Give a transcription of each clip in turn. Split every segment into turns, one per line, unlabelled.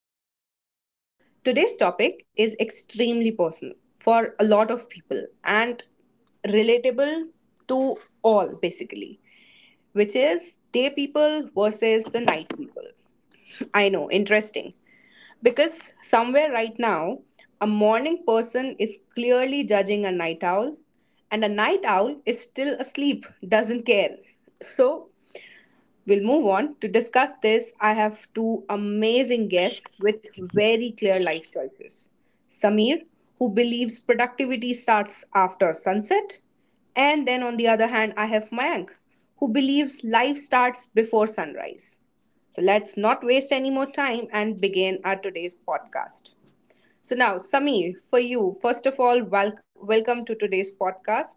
logging out. Today's topic is extremely personal for a lot of people and relatable to all, basically, which is day people versus the night people. I know, interesting. Because somewhere right now, a morning person is clearly judging a night owl, and a night owl is still asleep, doesn't care. So We'll move on to discuss this. I have two amazing guests with very clear life choices. Samir, who believes productivity starts after sunset, and then on the other hand, I have Mayank, who believes life starts before sunrise. So let's not waste any more time and begin our today's podcast. So now, Samir, for you, first of all, welcome to today's podcast.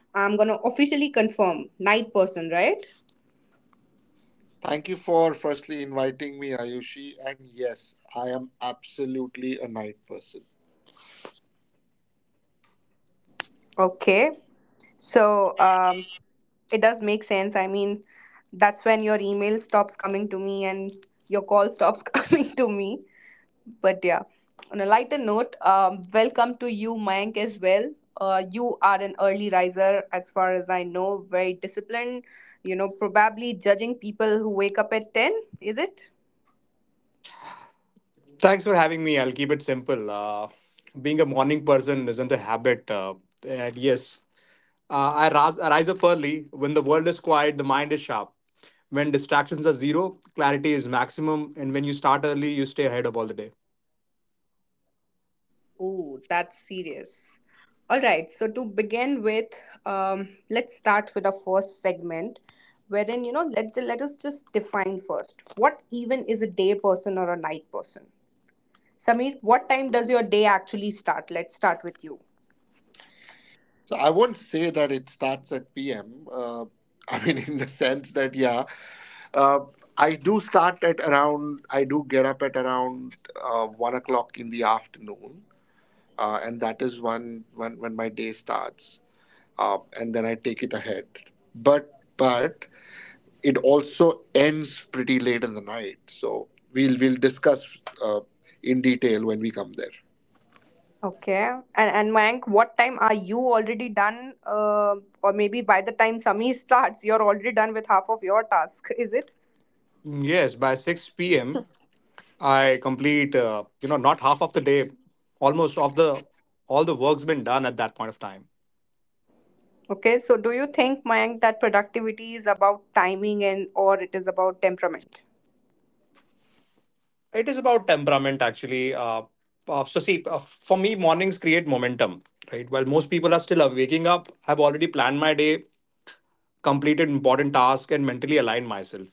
I'm gonna officially confirm night person, right?
Thank you for firstly inviting me, Ayushi. And yes, I am absolutely a night person.
Okay. So um, it does make sense. I mean, that's when your email stops coming to me and your call stops coming to me. But yeah, on a lighter note, welcome to you, Mayank, as well. You are an early riser, as far as I know, very disciplined. Probably judging people who wake up at 10, is it?
Thanks for having me. I'll keep it simple. Being a morning person isn't a habit. And yes, I rise up early. When the world is quiet, the mind is sharp. When distractions are zero, clarity is maximum. And when you start early, you stay ahead of all the day.
Ooh, that's serious. All right, so to begin with, let's start with the first segment, wherein, let us just define first what even is a day person or a night person? Samir, what time does your day actually start? Let's start with you.
So I won't say that it starts at PM. I mean, in the sense that, yeah, uh, I do start at around, I do get up at around 1 o'clock in the afternoon. And that is when, when my day starts. And then I take it ahead. But, but it also ends pretty late in the night. So we'll discuss uh, in detail when we come there.
Okay, and Mayank, what time are you already done? Or maybe by the time Samir starts, you're already done with half of your task, is it?
Yes, by 6 p.m., I complete, not half of the day, almost of the, all the work's been done at that point of time.
Okay, so do you think, Mayank, that productivity is about timing and or it is about temperament?
It is about temperament, actually. So, see, for me, mornings create momentum, right? While most people are still waking up, I've already planned my day, completed important tasks, and mentally aligned myself.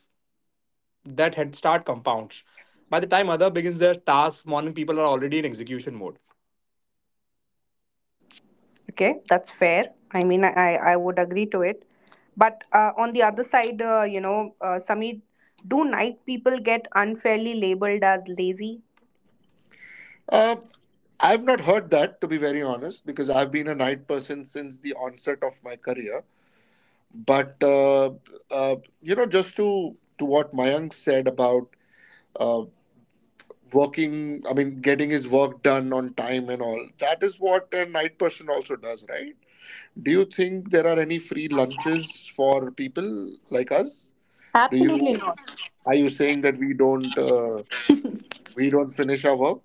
That head start compounds. By the time other begins their task, morning people are already in execution mode.
Okay, that's fair. I mean, I would agree to it. But on the other side, Samir, do night people get unfairly labeled as lazy?
Uh, I've not heard that to be very honest because I've been a night person since the onset of my career. But uh, you know, just to what Mayank said about uh, working, I mean, getting his work done on time and all. That is what a night person also does, right? Do you think there are any free lunches for people like us? Do you?
Absolutely not.
Are you saying that we don't finish our work?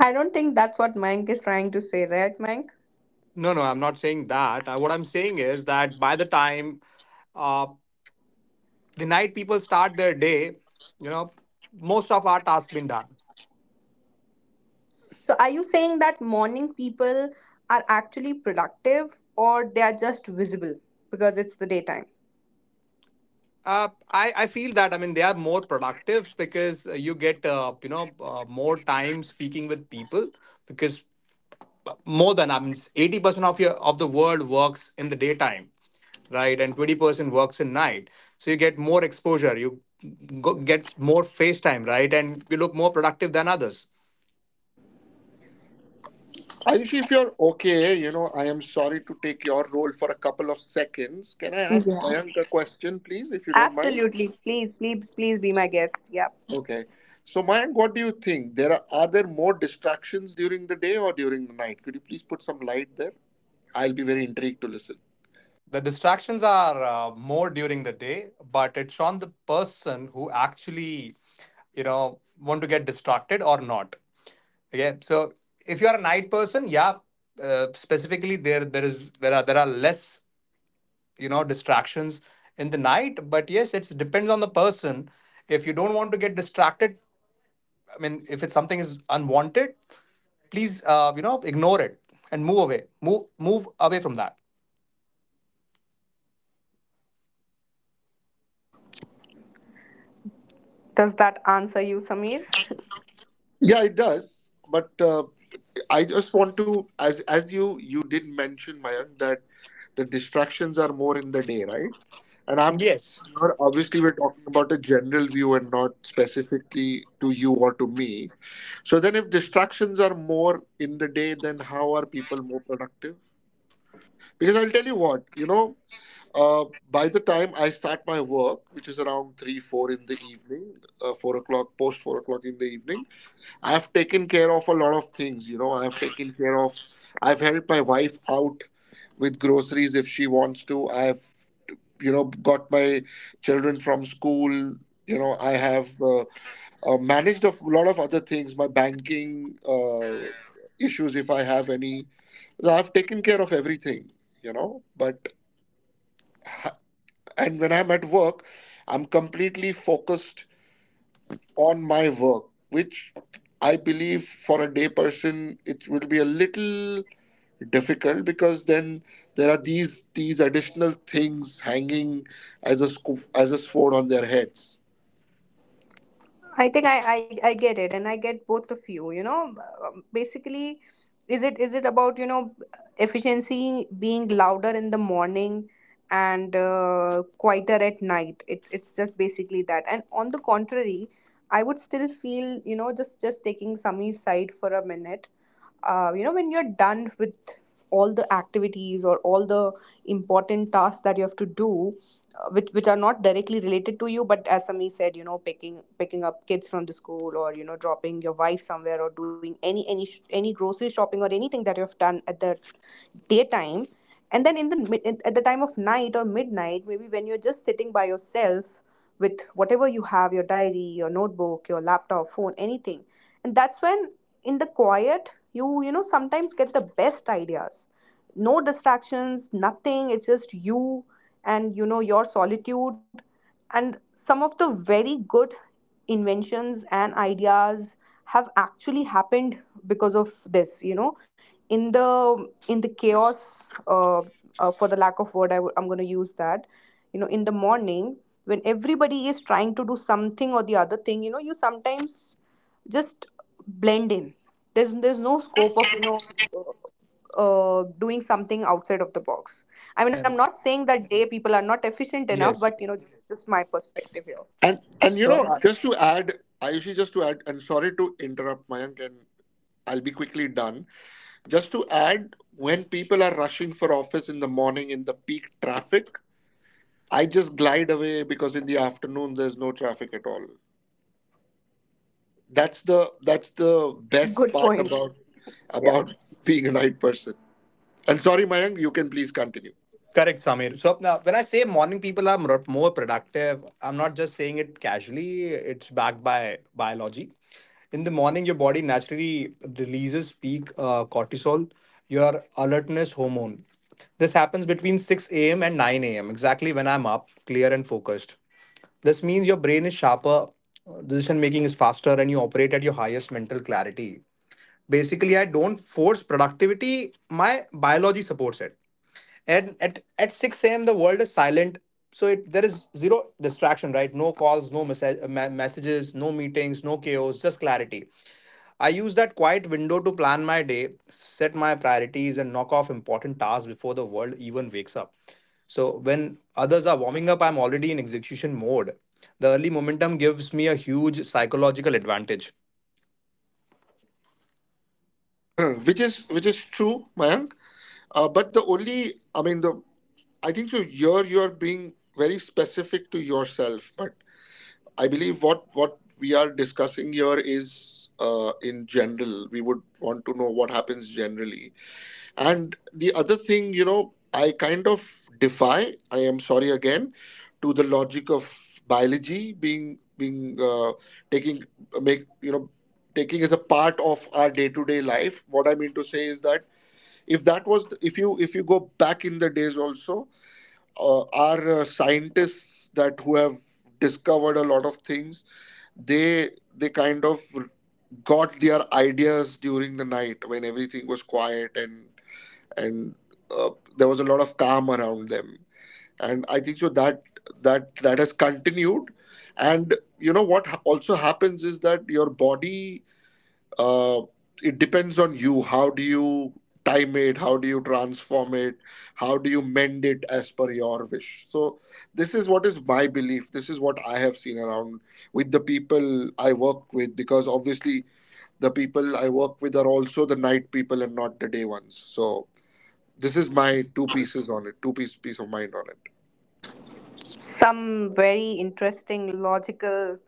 I don't think that's what Mayank is trying to say, right, Mayank?
No, no, I'm not saying that. What I'm saying is that by the time uh, the night people start their day, you know, most of our tasks been done.
So are you saying that morning people are actually productive or they are just visible because it's the daytime?
I feel that, I mean, they are more productive because you get more time speaking with people, because more than, I mean, 80% of your of the world works in the daytime, right, and 20% works in night. So you get more exposure, you get more face time, right, and you look more productive than others.
Ayush, if you're okay, you know, I am sorry to take your role for a couple of seconds. Can I ask
Yeah.
Mayank a question, please, if you don't mind?
Absolutely. Please, please, please be my guest. Yeah.
Okay. So, Mayank, what do you think? Are there more distractions during the day or during the night? Could you please put some light there? I'll be very intrigued to listen.
The distractions are more during the day, but it's on the person who actually want to get distracted or not. Okay, so if you are a night person, yeah, specifically there are less distractions in the night. But yes, it depends on the person. If you don't want to get distracted, I mean, if it's something is unwanted, please ignore it and move away. Move away from that.
Does that answer you, Samir?
Yeah, it does. But I just want to, as as you did mention, Mayank, that the distractions are more in the day, right? And I'm
Yes.
sure, obviously, we're talking about a general view and not specifically to you or to me. So then, if distractions are more in the day, then how are people more productive? Because I'll tell you what, you know, uh, by the time I start my work, which is around three, four in the evening, post 4 o'clock in the evening. I've taken care of a lot of things, you know. I've taken care of, I've helped my wife out with groceries if she wants to. I've, you know, got my children from school. You know, I have managed a lot of other things, my banking issues, if I have any. So I've taken care of everything, you know. But, and when I'm at work, I'm completely focused on my work, which I believe for a day person it will be a little difficult because then there are these additional things hanging as a sword on their heads.
I think I get it, and I get both of you. Basically, is it about, you know, efficiency being louder in the morning and quieter at night? It's just basically that. And on the contrary, I would still feel, you know, just taking Samir's side for a minute. You know, when you're done with all the activities or all the important tasks that you have to do, which are not directly related to you, but as Sami said, you know, picking up kids from the school, or, you know, dropping your wife somewhere, or doing any grocery shopping or anything that you have done at the daytime. And then in the at the time of night or midnight, maybe when you're just sitting by yourself with whatever you have, your diary, your notebook, your laptop, phone, anything, and that's when, in the quiet, you know, sometimes get the best ideas. No distractions, nothing, it's just you and, you know, your solitude. And some of the very good inventions and ideas have actually happened because of this, you know, in the in the chaos, uh, for the lack of word I'm going to use that, you know, in the morning, when everybody is trying to do something or the other thing, you know, you sometimes just blend in. There's no scope of, you know, uh, doing something outside of the box. I mean, I'm
And
not saying that day people are not efficient enough,
yes.
but, you know, just my perspective here.
And you know,
So,
just to add, Ayushi, just to add, and sorry to interrupt, Mayank, and I'll be quickly done. Just to add, when people are rushing for office in the morning in the peak traffic, I just glide away because in the afternoon there's no traffic at all. That's the best
Good
part
point.
about
Yeah.
about being a night person. And sorry, Mayank, you can please continue.
correct, Samir. So now, when I say morning people are more productive, I'm not just saying it casually. It's backed by biology. In the morning, your body naturally releases peak cortisol, your alertness hormone. This happens between 6 a.m. and 9 a.m., exactly when I'm up, clear and focused. This means your brain is sharper, decision making is faster, and you operate at your highest mental clarity. Basically, I don't force productivity, my biology supports it. And at 6 a.m., the world is silent. So there is zero distraction, right? No calls, no messages, no meetings, no chaos, just clarity. I use that quiet window to plan my day, set my priorities, and knock off important tasks before the world even wakes up. So when others are warming up, I'm already in execution mode. The early momentum gives me a huge psychological advantage.
Which is true, Mayank. But the only, I mean, the I think so. Here you are being very specific to yourself, but I believe what we are discussing here is in general. We would want to know what happens generally. And the other thing, you know, I kind of defy. I am sorry again to the logic of biology being being taking make you know taking as a part of our day to day life. What I mean to say is that if that was the, if you go back in the days also, our scientists that who have discovered a lot of things, they they kind of got their ideas during the night when everything was quiet, and and uh, there was a lot of calm around them. And I think so that that has continued. And you know what also happens is that your body, uh, it depends on you how do you time it, how do you transform it, how do you mend it as per your wish. So this is what is my belief, this is what I have seen around with the people I work with, because obviously the people I work with are also the night people and not the day ones. So this is my two pieces on it, two piece of mind on it.
Some very interesting logical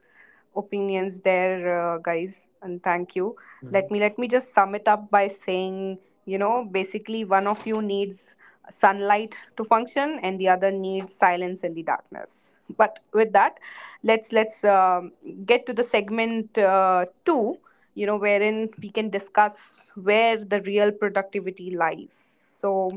opinions there, guys, and thank you. Let me just sum it up by saying, you know, basically one of you needs sunlight to function and the other needs silence in the darkness. But with that, let's get to the segment 2, you know, wherein we can discuss where the real productivity lies. So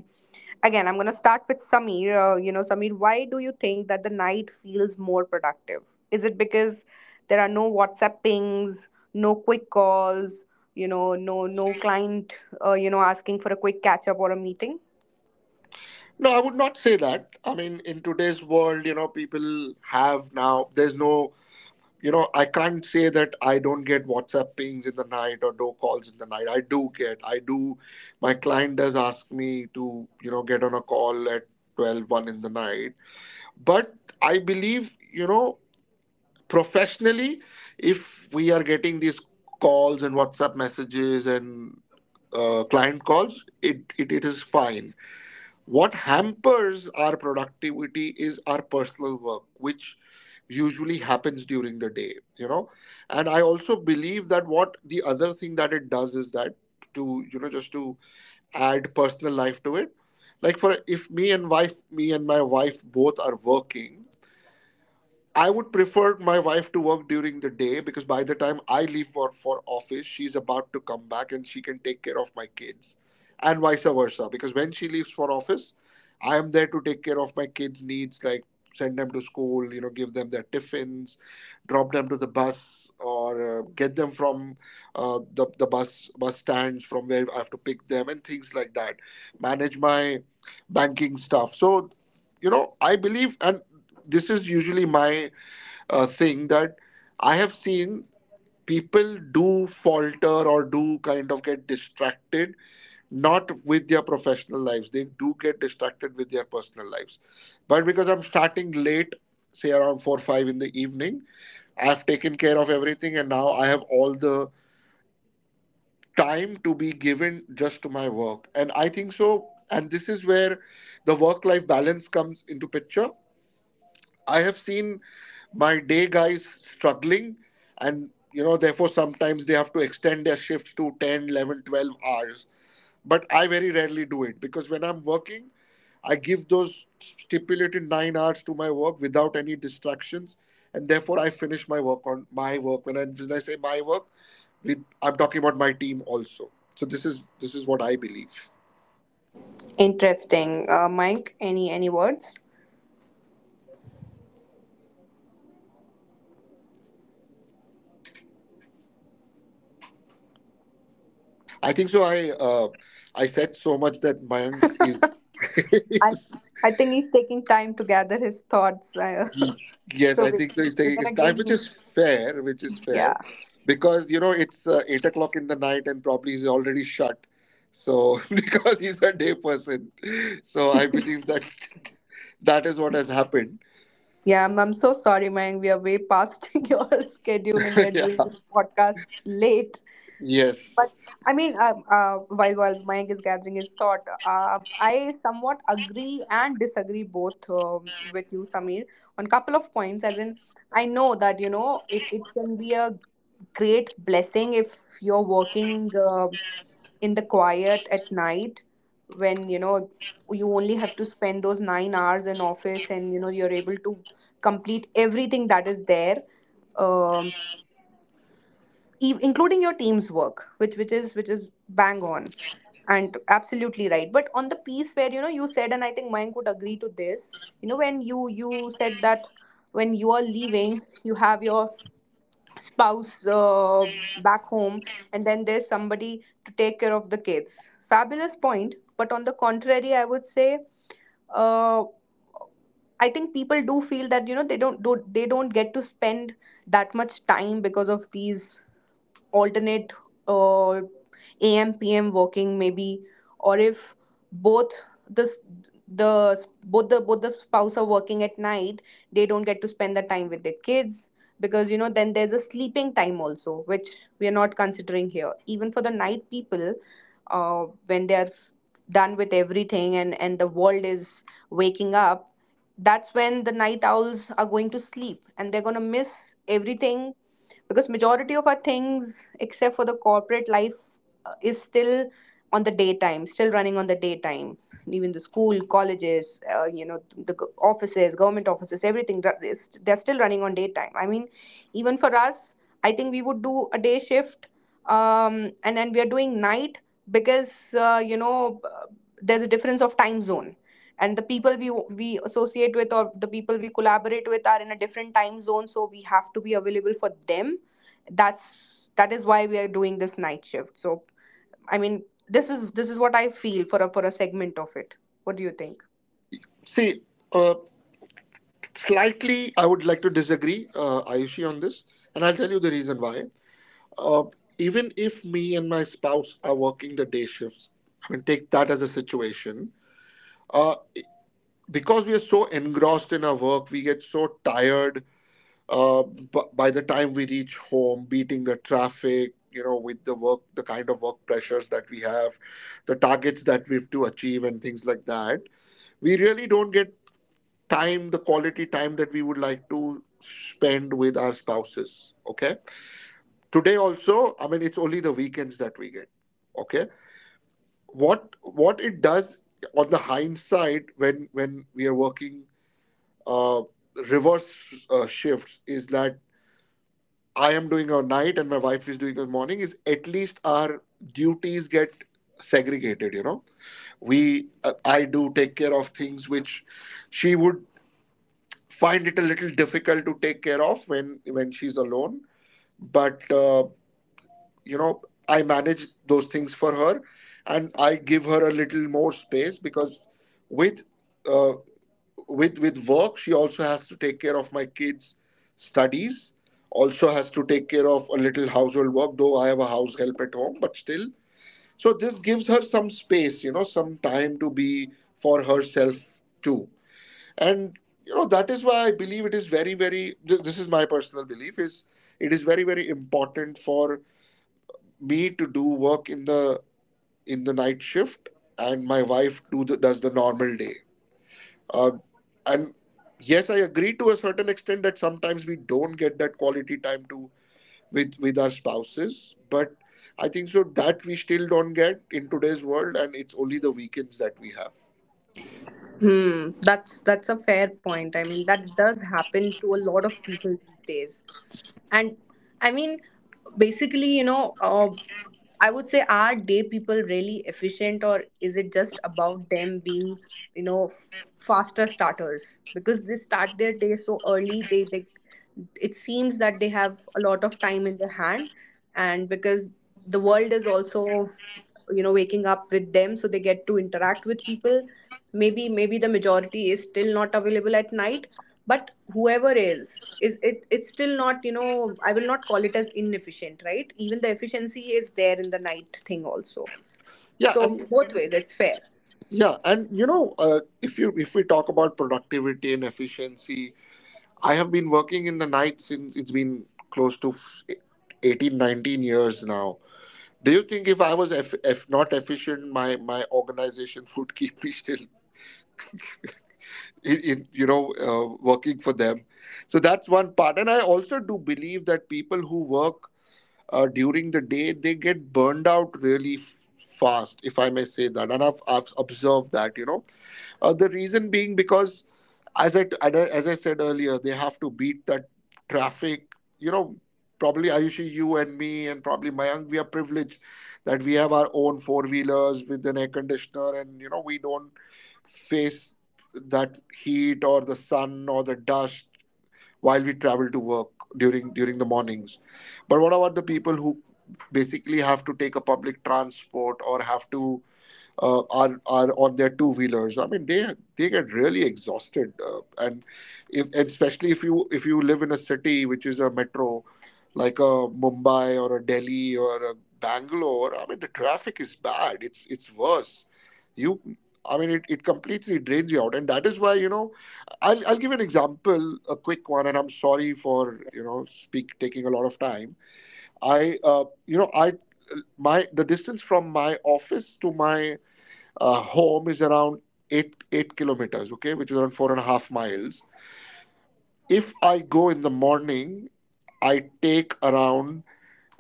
again, I'm going to start with Samir. You know, Samir, why do you think that the night feels more productive? Is it because there are no WhatsApp pings, no quick calls, you know, no client, you know, asking for a quick catch up or a meeting?
No, I would not say that. I mean, in today's world, you know, people have now there's no, you know, I can't say that I don't get WhatsApp pings in the night or no calls in the night. I do get. I do. My client does ask me to, you know, get on a call at twelve one in the night. But I believe, you know, professionally, if we are getting these calls and WhatsApp messages and client calls, it is fine. What hampers our productivity is our personal work, which usually happens during the day, you know. And I also believe that what the other thing that it does is that to, you know, just to add personal life to it. Like for if me and wife, me and my wife both are working, I would prefer my wife to work during the day because by the time I leave for office, she's about to come back and she can take care of my kids, and vice versa. Because when she leaves for office, I am there to take care of my kids' needs, like send them to school, you know, give them their tiffins, drop them to the bus, or get them from the bus stands from where I have to pick them and things like that. Manage my banking stuff. So, you know, I believe, and this is usually my a thing that I have seen people do falter or do kind of get distracted, not with their professional lives. They do get distracted with their personal lives. But because I'm starting late, say around 4 5 in the evening, I've taken care of everything and now I have all the time to be given just to my work. And I think so. And this is where the work life balance comes into picture. I have seen my day guys struggling, and you know therefore sometimes they have to extend their shift to ten, 11, 12 hours, but I very rarely do it because when I'm working I give those stipulated 9 hours to my work without any distractions. And therefore I finish my work on my work when I say my work, with I'm talking about my team also. So this is what I believe.
Interesting, Mike. Any words?
I think so i uh, i said so much that Mayank is
I I think he's taking time to gather his thoughts.
Yes,
So
I
we,
think so. He's
we're
taking his
gonna
time,
give him,
which is fair,
yeah.
because you know it's 8 o'clock in the night and probably he's already shut. So because he's a day person, so I believe that that is what has happened.
Yeah, I'm so sorry, Mike. We are way past your schedule and we are doing
Yeah.
this podcast late. But
Yes.
I mean, while Mayank is gathering his thought, I somewhat agree and disagree both with you, Samir, on couple of points. As in, I know that, you know, it can be a great blessing if you're working in the quiet at night, when you know you only have to spend those 9 hours in office and you know you're able to complete everything that is there. Um, Including your team's work, which is bang on and absolutely right. But on the piece where, you know, you said, and I think Mayank would agree to this, you know, when you said that when you are leaving, you have your spouse, back home, and then there's somebody to take care of the kids, fabulous point. But on the contrary, I would say, uh, I think people do feel that, you know, they don't, do they don't get to spend that much time because of these alternate, uh, a.m. p.m. working, maybe. Or if both the s- the s- both the spouse are working at night, they don't get to spend the time with their kids. Because, you know, then there's a sleeping time also, which we are not considering here, even for the night people. When they are done with everything and the world is waking up, that's when the night owls are going to sleep, and they're going to miss everything, because majority of our things, except for the corporate life, is still on the daytime, still running on the daytime. Even the school, colleges, you know, the offices, government offices, everything they're still running on daytime. I mean, even for us, I think we would do a day shift, and then we are doing night, because there's a difference of time zone, and the people we associate with or the people we collaborate with are in a different time zone, so we have to be available for them. That is why we are doing this night shift. So I mean, this is what I feel for a segment of it. What do you think?
See, uh, slightly, I would like to disagree, Ayushi, on this, and I'll tell you the reason why. uh, Even if me and my spouse are working the day shifts, I mean, take that as a situation. Uh, because we are so engrossed in our work, we get so tired, by the time we reach home, beating the traffic, you know, with the work, the kind of work pressures that we have, the targets that we have to achieve, and things like that. We really don't get time, the quality time that we would like to spend with our spouses. Okay. Today, also, I mean, it's only the weekends that we get. Okay. What it does on the hindsight, when we are working uh, reverse shifts, is that I am doing a night and my wife is doing a morning, is at least our duties get segregated. You know we I do take care of things which she would find it a little difficult to take care of when she's alone, but you know I manage those things for her. And I give her a little more space, because with uh, with work, she also has to take care of my kids studies, also has to take care of a little household work, though I have a house help at home, but still, so this gives her some space, some time to be for herself too. And that is why I believe it is very very, this is my personal belief, is, it is very very important for me to do work in the night shift, and my wife does the normal day. Uh, and yes, I agree to a certain extent that sometimes we don't get that quality time to, with our spouses, but I think so that we still don't get in today's world, and it's only the weekends that we have.
Hmm, that's a fair point. I mean, that does happen to a lot of people these days. And I mean, basically, you know, I would say, are day people really efficient, or is it just about them being, you know, faster starters? Because they start their day so early, they, it seems that they have a lot of time in their hand, and because the world is also, you know, waking up with them, so they get to interact with people. Maybe the majority is still not available at night, but whoever is, it's still not, you know, I will not call it as inefficient, right? Even the efficiency is there in the night thing also.
Yeah.
So
and
both ways, it's fair.
yeah and if we talk about productivity and efficiency, I have been working in the night since it's been close to 18, 19 years now. Do you think if I was eff eff not efficient, my organization would keep me still in you know working for them? So that's one part. And I also do believe that people who work during the day, they get burned out really fast, if I may say that. And I've observed that, the reason being because, as I said earlier, they have to beat that traffic. You know, probably Ayushi, you and me, and probably Mayank, we are privileged that we have our own four wheelers with an air conditioner, and you know, we don't face that heat or the sun or the dust while we travel to work during the mornings. But what about the people who basically have to take a public transport, or have to, are, on their two wheelers. I mean, they get really exhausted, and if, and especially if you live in a city which is a metro, like a Mumbai or a Delhi or a Bangalore. I mean, the traffic is bad. It's worse. You, I mean, it completely drains you out. And that is why, I'll give an example, a quick one, and I'm sorry for you know speak taking a lot of time. I you know I my the distance from my office to my home is around eight kilometers, okay, which is around 4.5 miles. If I go in the morning, I take around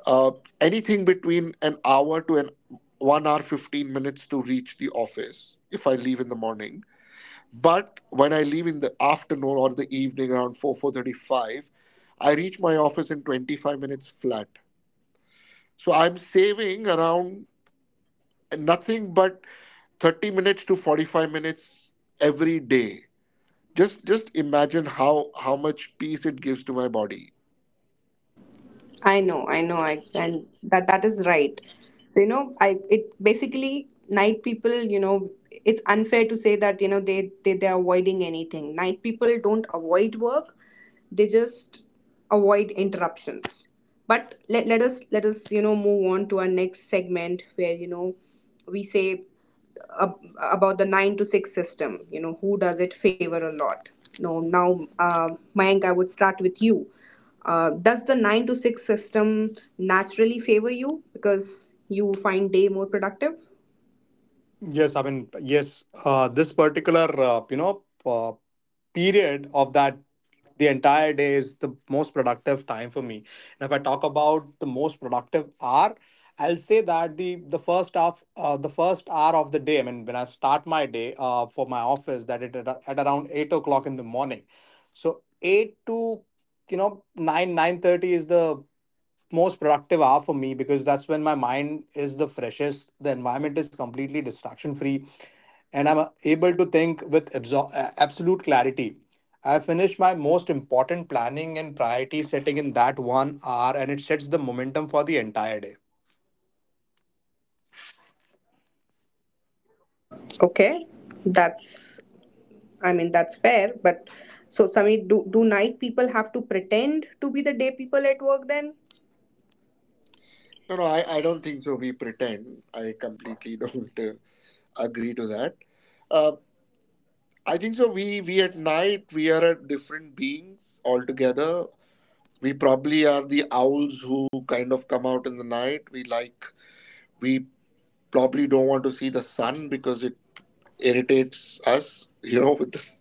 uh, anything between an hour to an 1 hour 15 minutes to reach the office, if I leave in the morning. But when I leave in the afternoon or the evening, around four four thirty five, I reach my office in 25 minutes flat. So I'm saving around nothing but 30 minutes to 45 minutes every day. Just imagine how much peace it gives to my body.
I know, I and that that is right. So, you know, I, it basically night people, you know, it's unfair to say that you know they're avoiding anything. Night people don't avoid work; they just avoid interruptions. But let us you know move on to our next segment, where, you know, we say about the 9 to 6 system, you know, who does it favor a lot. No now Mayank, I would start with you. Does the 9 to 6 system naturally favor you because you find day more productive?
Yes, I mean, yes, this particular, period of that, the entire day is the most productive time for me. And if I talk about the most productive hour, I'll say that the first hour of the day. I mean, when I start my day, for my office, at around 8 o'clock in the morning. So 8 to 9, 9:30 is the most productive hour for me because that's when my mind is the freshest. The environment is completely distraction free, and I'm able to think with absolute clarity. I finish my most important planning and priority setting in that one hour, and it sets the momentum for the entire day.
Okay, that's, I mean, that's fair, but so Samir, do night people have to pretend to be the day people at work then?
No, no, I don't think so we pretend. I completely don't agree to that. Uh, I think so. We at night, we are a different beings altogether. We probably are the owls who kind of come out in the night. We probably don't want to see the sun because it irritates us, you know. With this,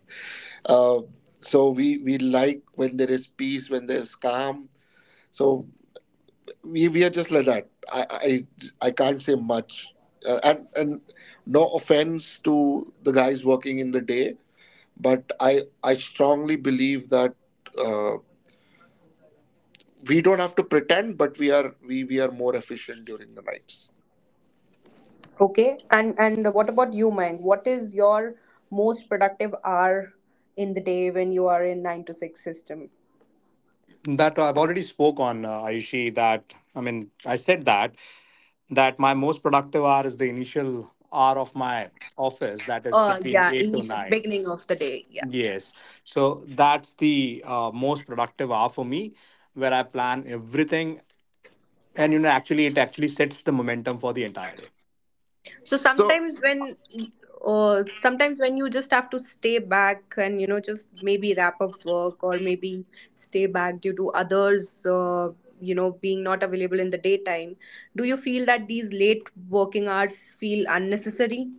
uh, so we like when there is peace, when there is calm. So we are just like that. I can't say much, and no offense to the guys working in the day, but I strongly believe that uh, we don't have to pretend, but we are more efficient during the nights.
Okay, and what about you, Mang? What is your most productive hour in the day when you are in nine to six system?
That I've already spoke on, Ayushi, that, I mean, I said that my most productive hour is the initial hour of my office, that is between
Yeah,
8 to
initial
9.
beginning of the day. Yeah.
Yes, so that's the most productive hour for me, where I plan everything. And actually it actually sets the momentum for the entire day.
So
So
sometimes when you just have to stay back and, you know, just maybe wrap up work, or maybe stay back due to others, you know, being not available in the daytime, do you feel that these late working hours feel unnecessary?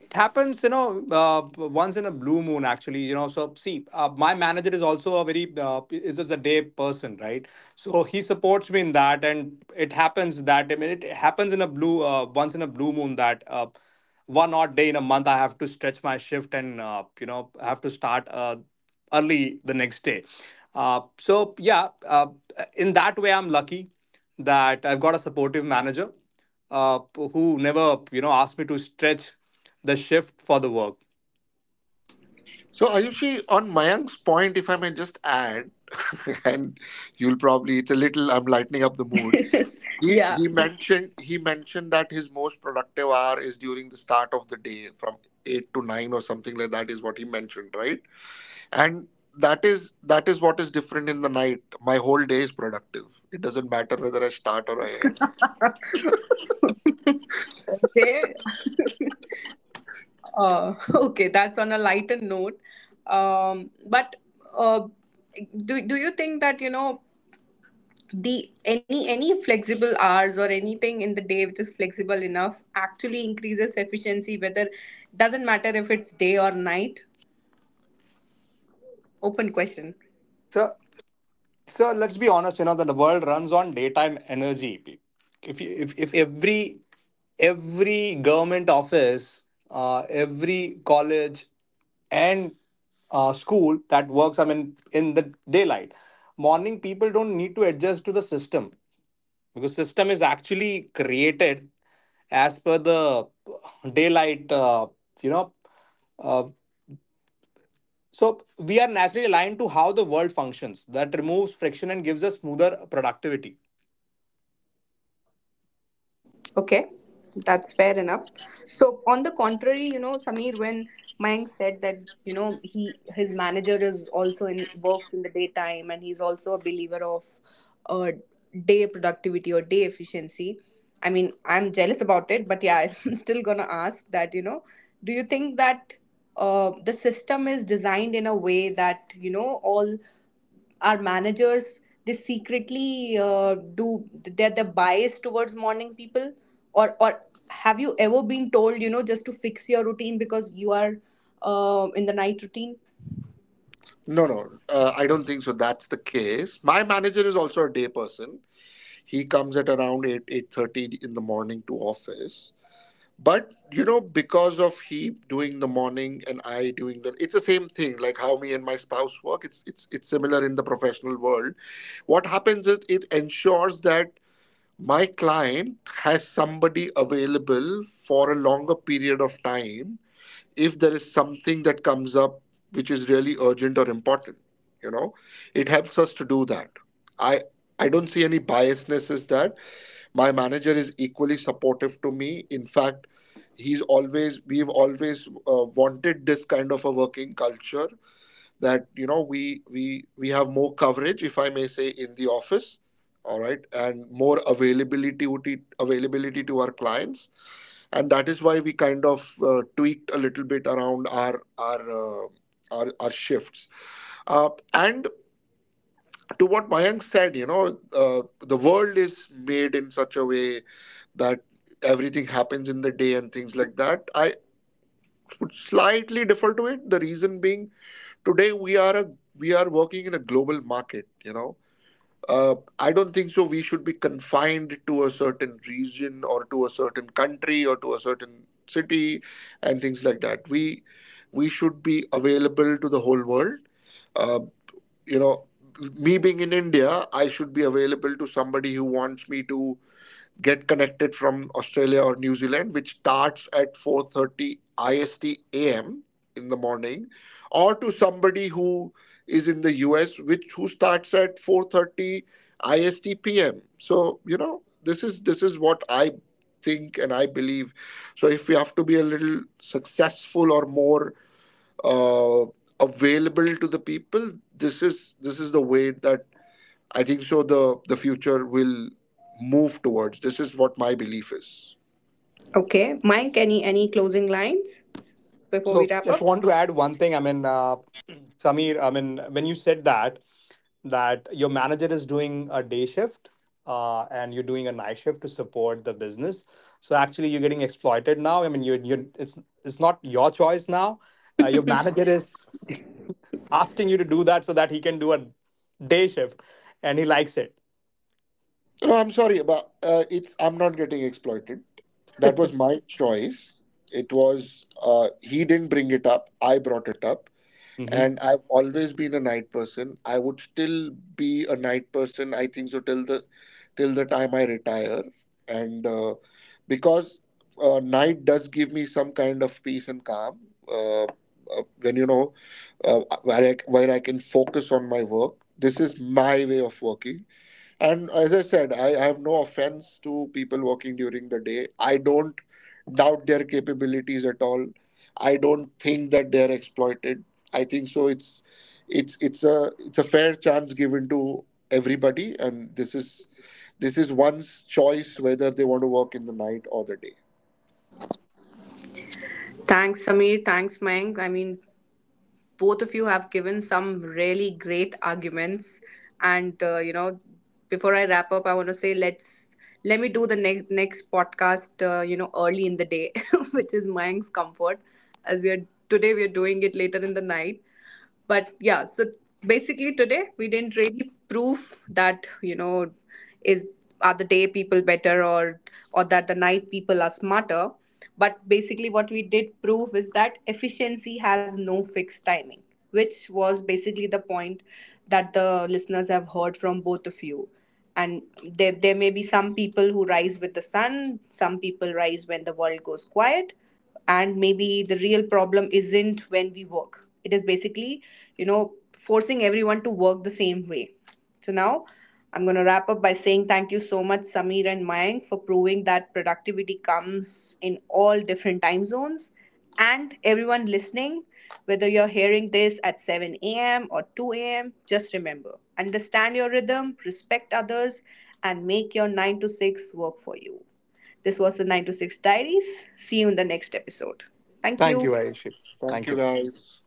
It happens, once in a blue moon, actually. So, see, my manager is also a very is just a day person, right. So he supports me in that. And it happens that, I mean, it happens in a blue once in a blue moon that one odd day in a month, I have to stretch my shift. And I have to start early the next day. uh, so yeah, in that way, I'm lucky that I've got a supportive manager, who never asked me to stretch the shift for the work.
so Ayushi, on Mayank's point, if I may just add, and you'll probably, it's a little, I'm lightening up the mood. He,
Yeah.
he mentioned he mentioned that his most productive hour is during the start of the day from 8 to 9, or something like that, is what he mentioned, right? And that is what is different. In the night, my whole day is productive. It doesn't matter whether I start or I end.
Okay. Okay, that's on a lighter note. But uh, do you think that, you know, the any flexible hours or anything in the day which is flexible enough actually increases efficiency, whether, doesn't matter if it's day or night? Open question.
So so let's be honest, you know that the world runs on daytime energy. If you, if every every government office, every college, and school that works, I mean, in the daylight, morning people don't need to adjust to the system, because system is actually created as per the daylight, you know, uh. So we are naturally aligned to how the world functions. That removes friction and gives us smoother productivity.
Okay, that's fair enough. So on the contrary, you know, Samir, when Mayank said that, you know, he, his manager is also in works in the daytime, and he's also a believer of, uh, day productivity or day efficiency. I mean, I'm jealous about it, but yeah, I'm still gonna ask that, you know, do you think that, the system is designed in a way that, you know, all our managers, they secretly do they're biased towards morning people? Or have you ever been told, you know, just to fix your routine because you are, in the night routine?
No, no, I don't think so that's the case. My manager is also a day person. He comes at around 8, 8:30 in the morning to office. But you know, because of he doing the morning and I doing the, it's the same thing. Like how me and my spouse work, it's similar in the professional world. What happens is, it ensures that my client has somebody available for a longer period of time if there is something that comes up which is really urgent or important. You know, it helps us to do that. I I don't see any biasness as that. My manager is equally supportive to me, in fact. He's always, we've always wanted this kind of a working culture, that, you know, we have more coverage, if I may say, in the office, all right, and more availability, availability to our clients. And that is why we kind of, tweaked a little bit around our shifts. And to what Mayank said, uh, the world is made in such a way that everything happens in the day and things like that. I would slightly differ to it, the reason being, today we are a, we are working in a global market. I don't think so we should be confined to a certain region or to a certain country or to a certain city and things like that. We should be available to the whole world. uh, you know Me being in India, I should be available to somebody who wants me to get connected from Australia or New Zealand, which starts at 4:30 IST AM in the morning, or to somebody who is in the US, which who starts at 4:30 IST PM. So you know, this is what I think and I believe. So if we have to be a little successful, or more uh, available to the people, this is the way that I think so the future will move towards. This is what my belief is.
Okay, Mayank, any closing lines before we
So
wrap
just
up?
want to add one thing. I mean, Samir, I mean, when you said that your manager is doing a day shift, and you're doing a night shift to support the business, so actually, you're getting exploited now. I mean, you it's not your choice now. Your manager is asking you to do that so that he can do a day shift, and he likes it.
No, I'm sorry, but it's I'm not getting exploited. That was my choice. It was He didn't bring it up. I brought it up.
Mm-hmm.
And I've always been a night person. I would still be a night person, I think so, till the time I retire, and because night does give me some kind of peace and calm. When you know where I can focus on my work. This is my way of working. And as I said, I have no offense to people working during the day. I don't doubt their capabilities at all. I don't think that they are exploited. I think so, it's a fair chance given to everybody. And this is one's choice whether they want to work in the night or the day.
Thanks, Samir. Thanks, Mayank. I mean, both of you have given some really great arguments. And you know, before I wrap up, I want to say, let me do the next podcast, you know, early in the day which is Mayank's comfort, as we are, today, we are doing it later in the night. But yeah, so basically today we didn't really prove that, you know, is are the day people better, or that the night people are smarter. But basically what we did prove is that efficiency has no fixed timing, which was basically the point that the listeners have heard from both of you. And there may be some people who rise with the sun, some people rise when the world goes quiet. And maybe the real problem isn't when we work, it is basically, you know, forcing everyone to work the same way. So now, I'm going to wrap up by saying thank you so much, Samir and Mayank, for proving that productivity comes in all different time zones. And everyone listening, whether you're hearing this at 7 a.m. or 2 a.m., just remember, understand your rhythm, respect others, and make your 9 to 6 work for you. This was the 9 to 6 Diaries. See you in the next episode. Thank
Thank you,
you.
Ayushi.
Thank
Thank
you,
you.
guys.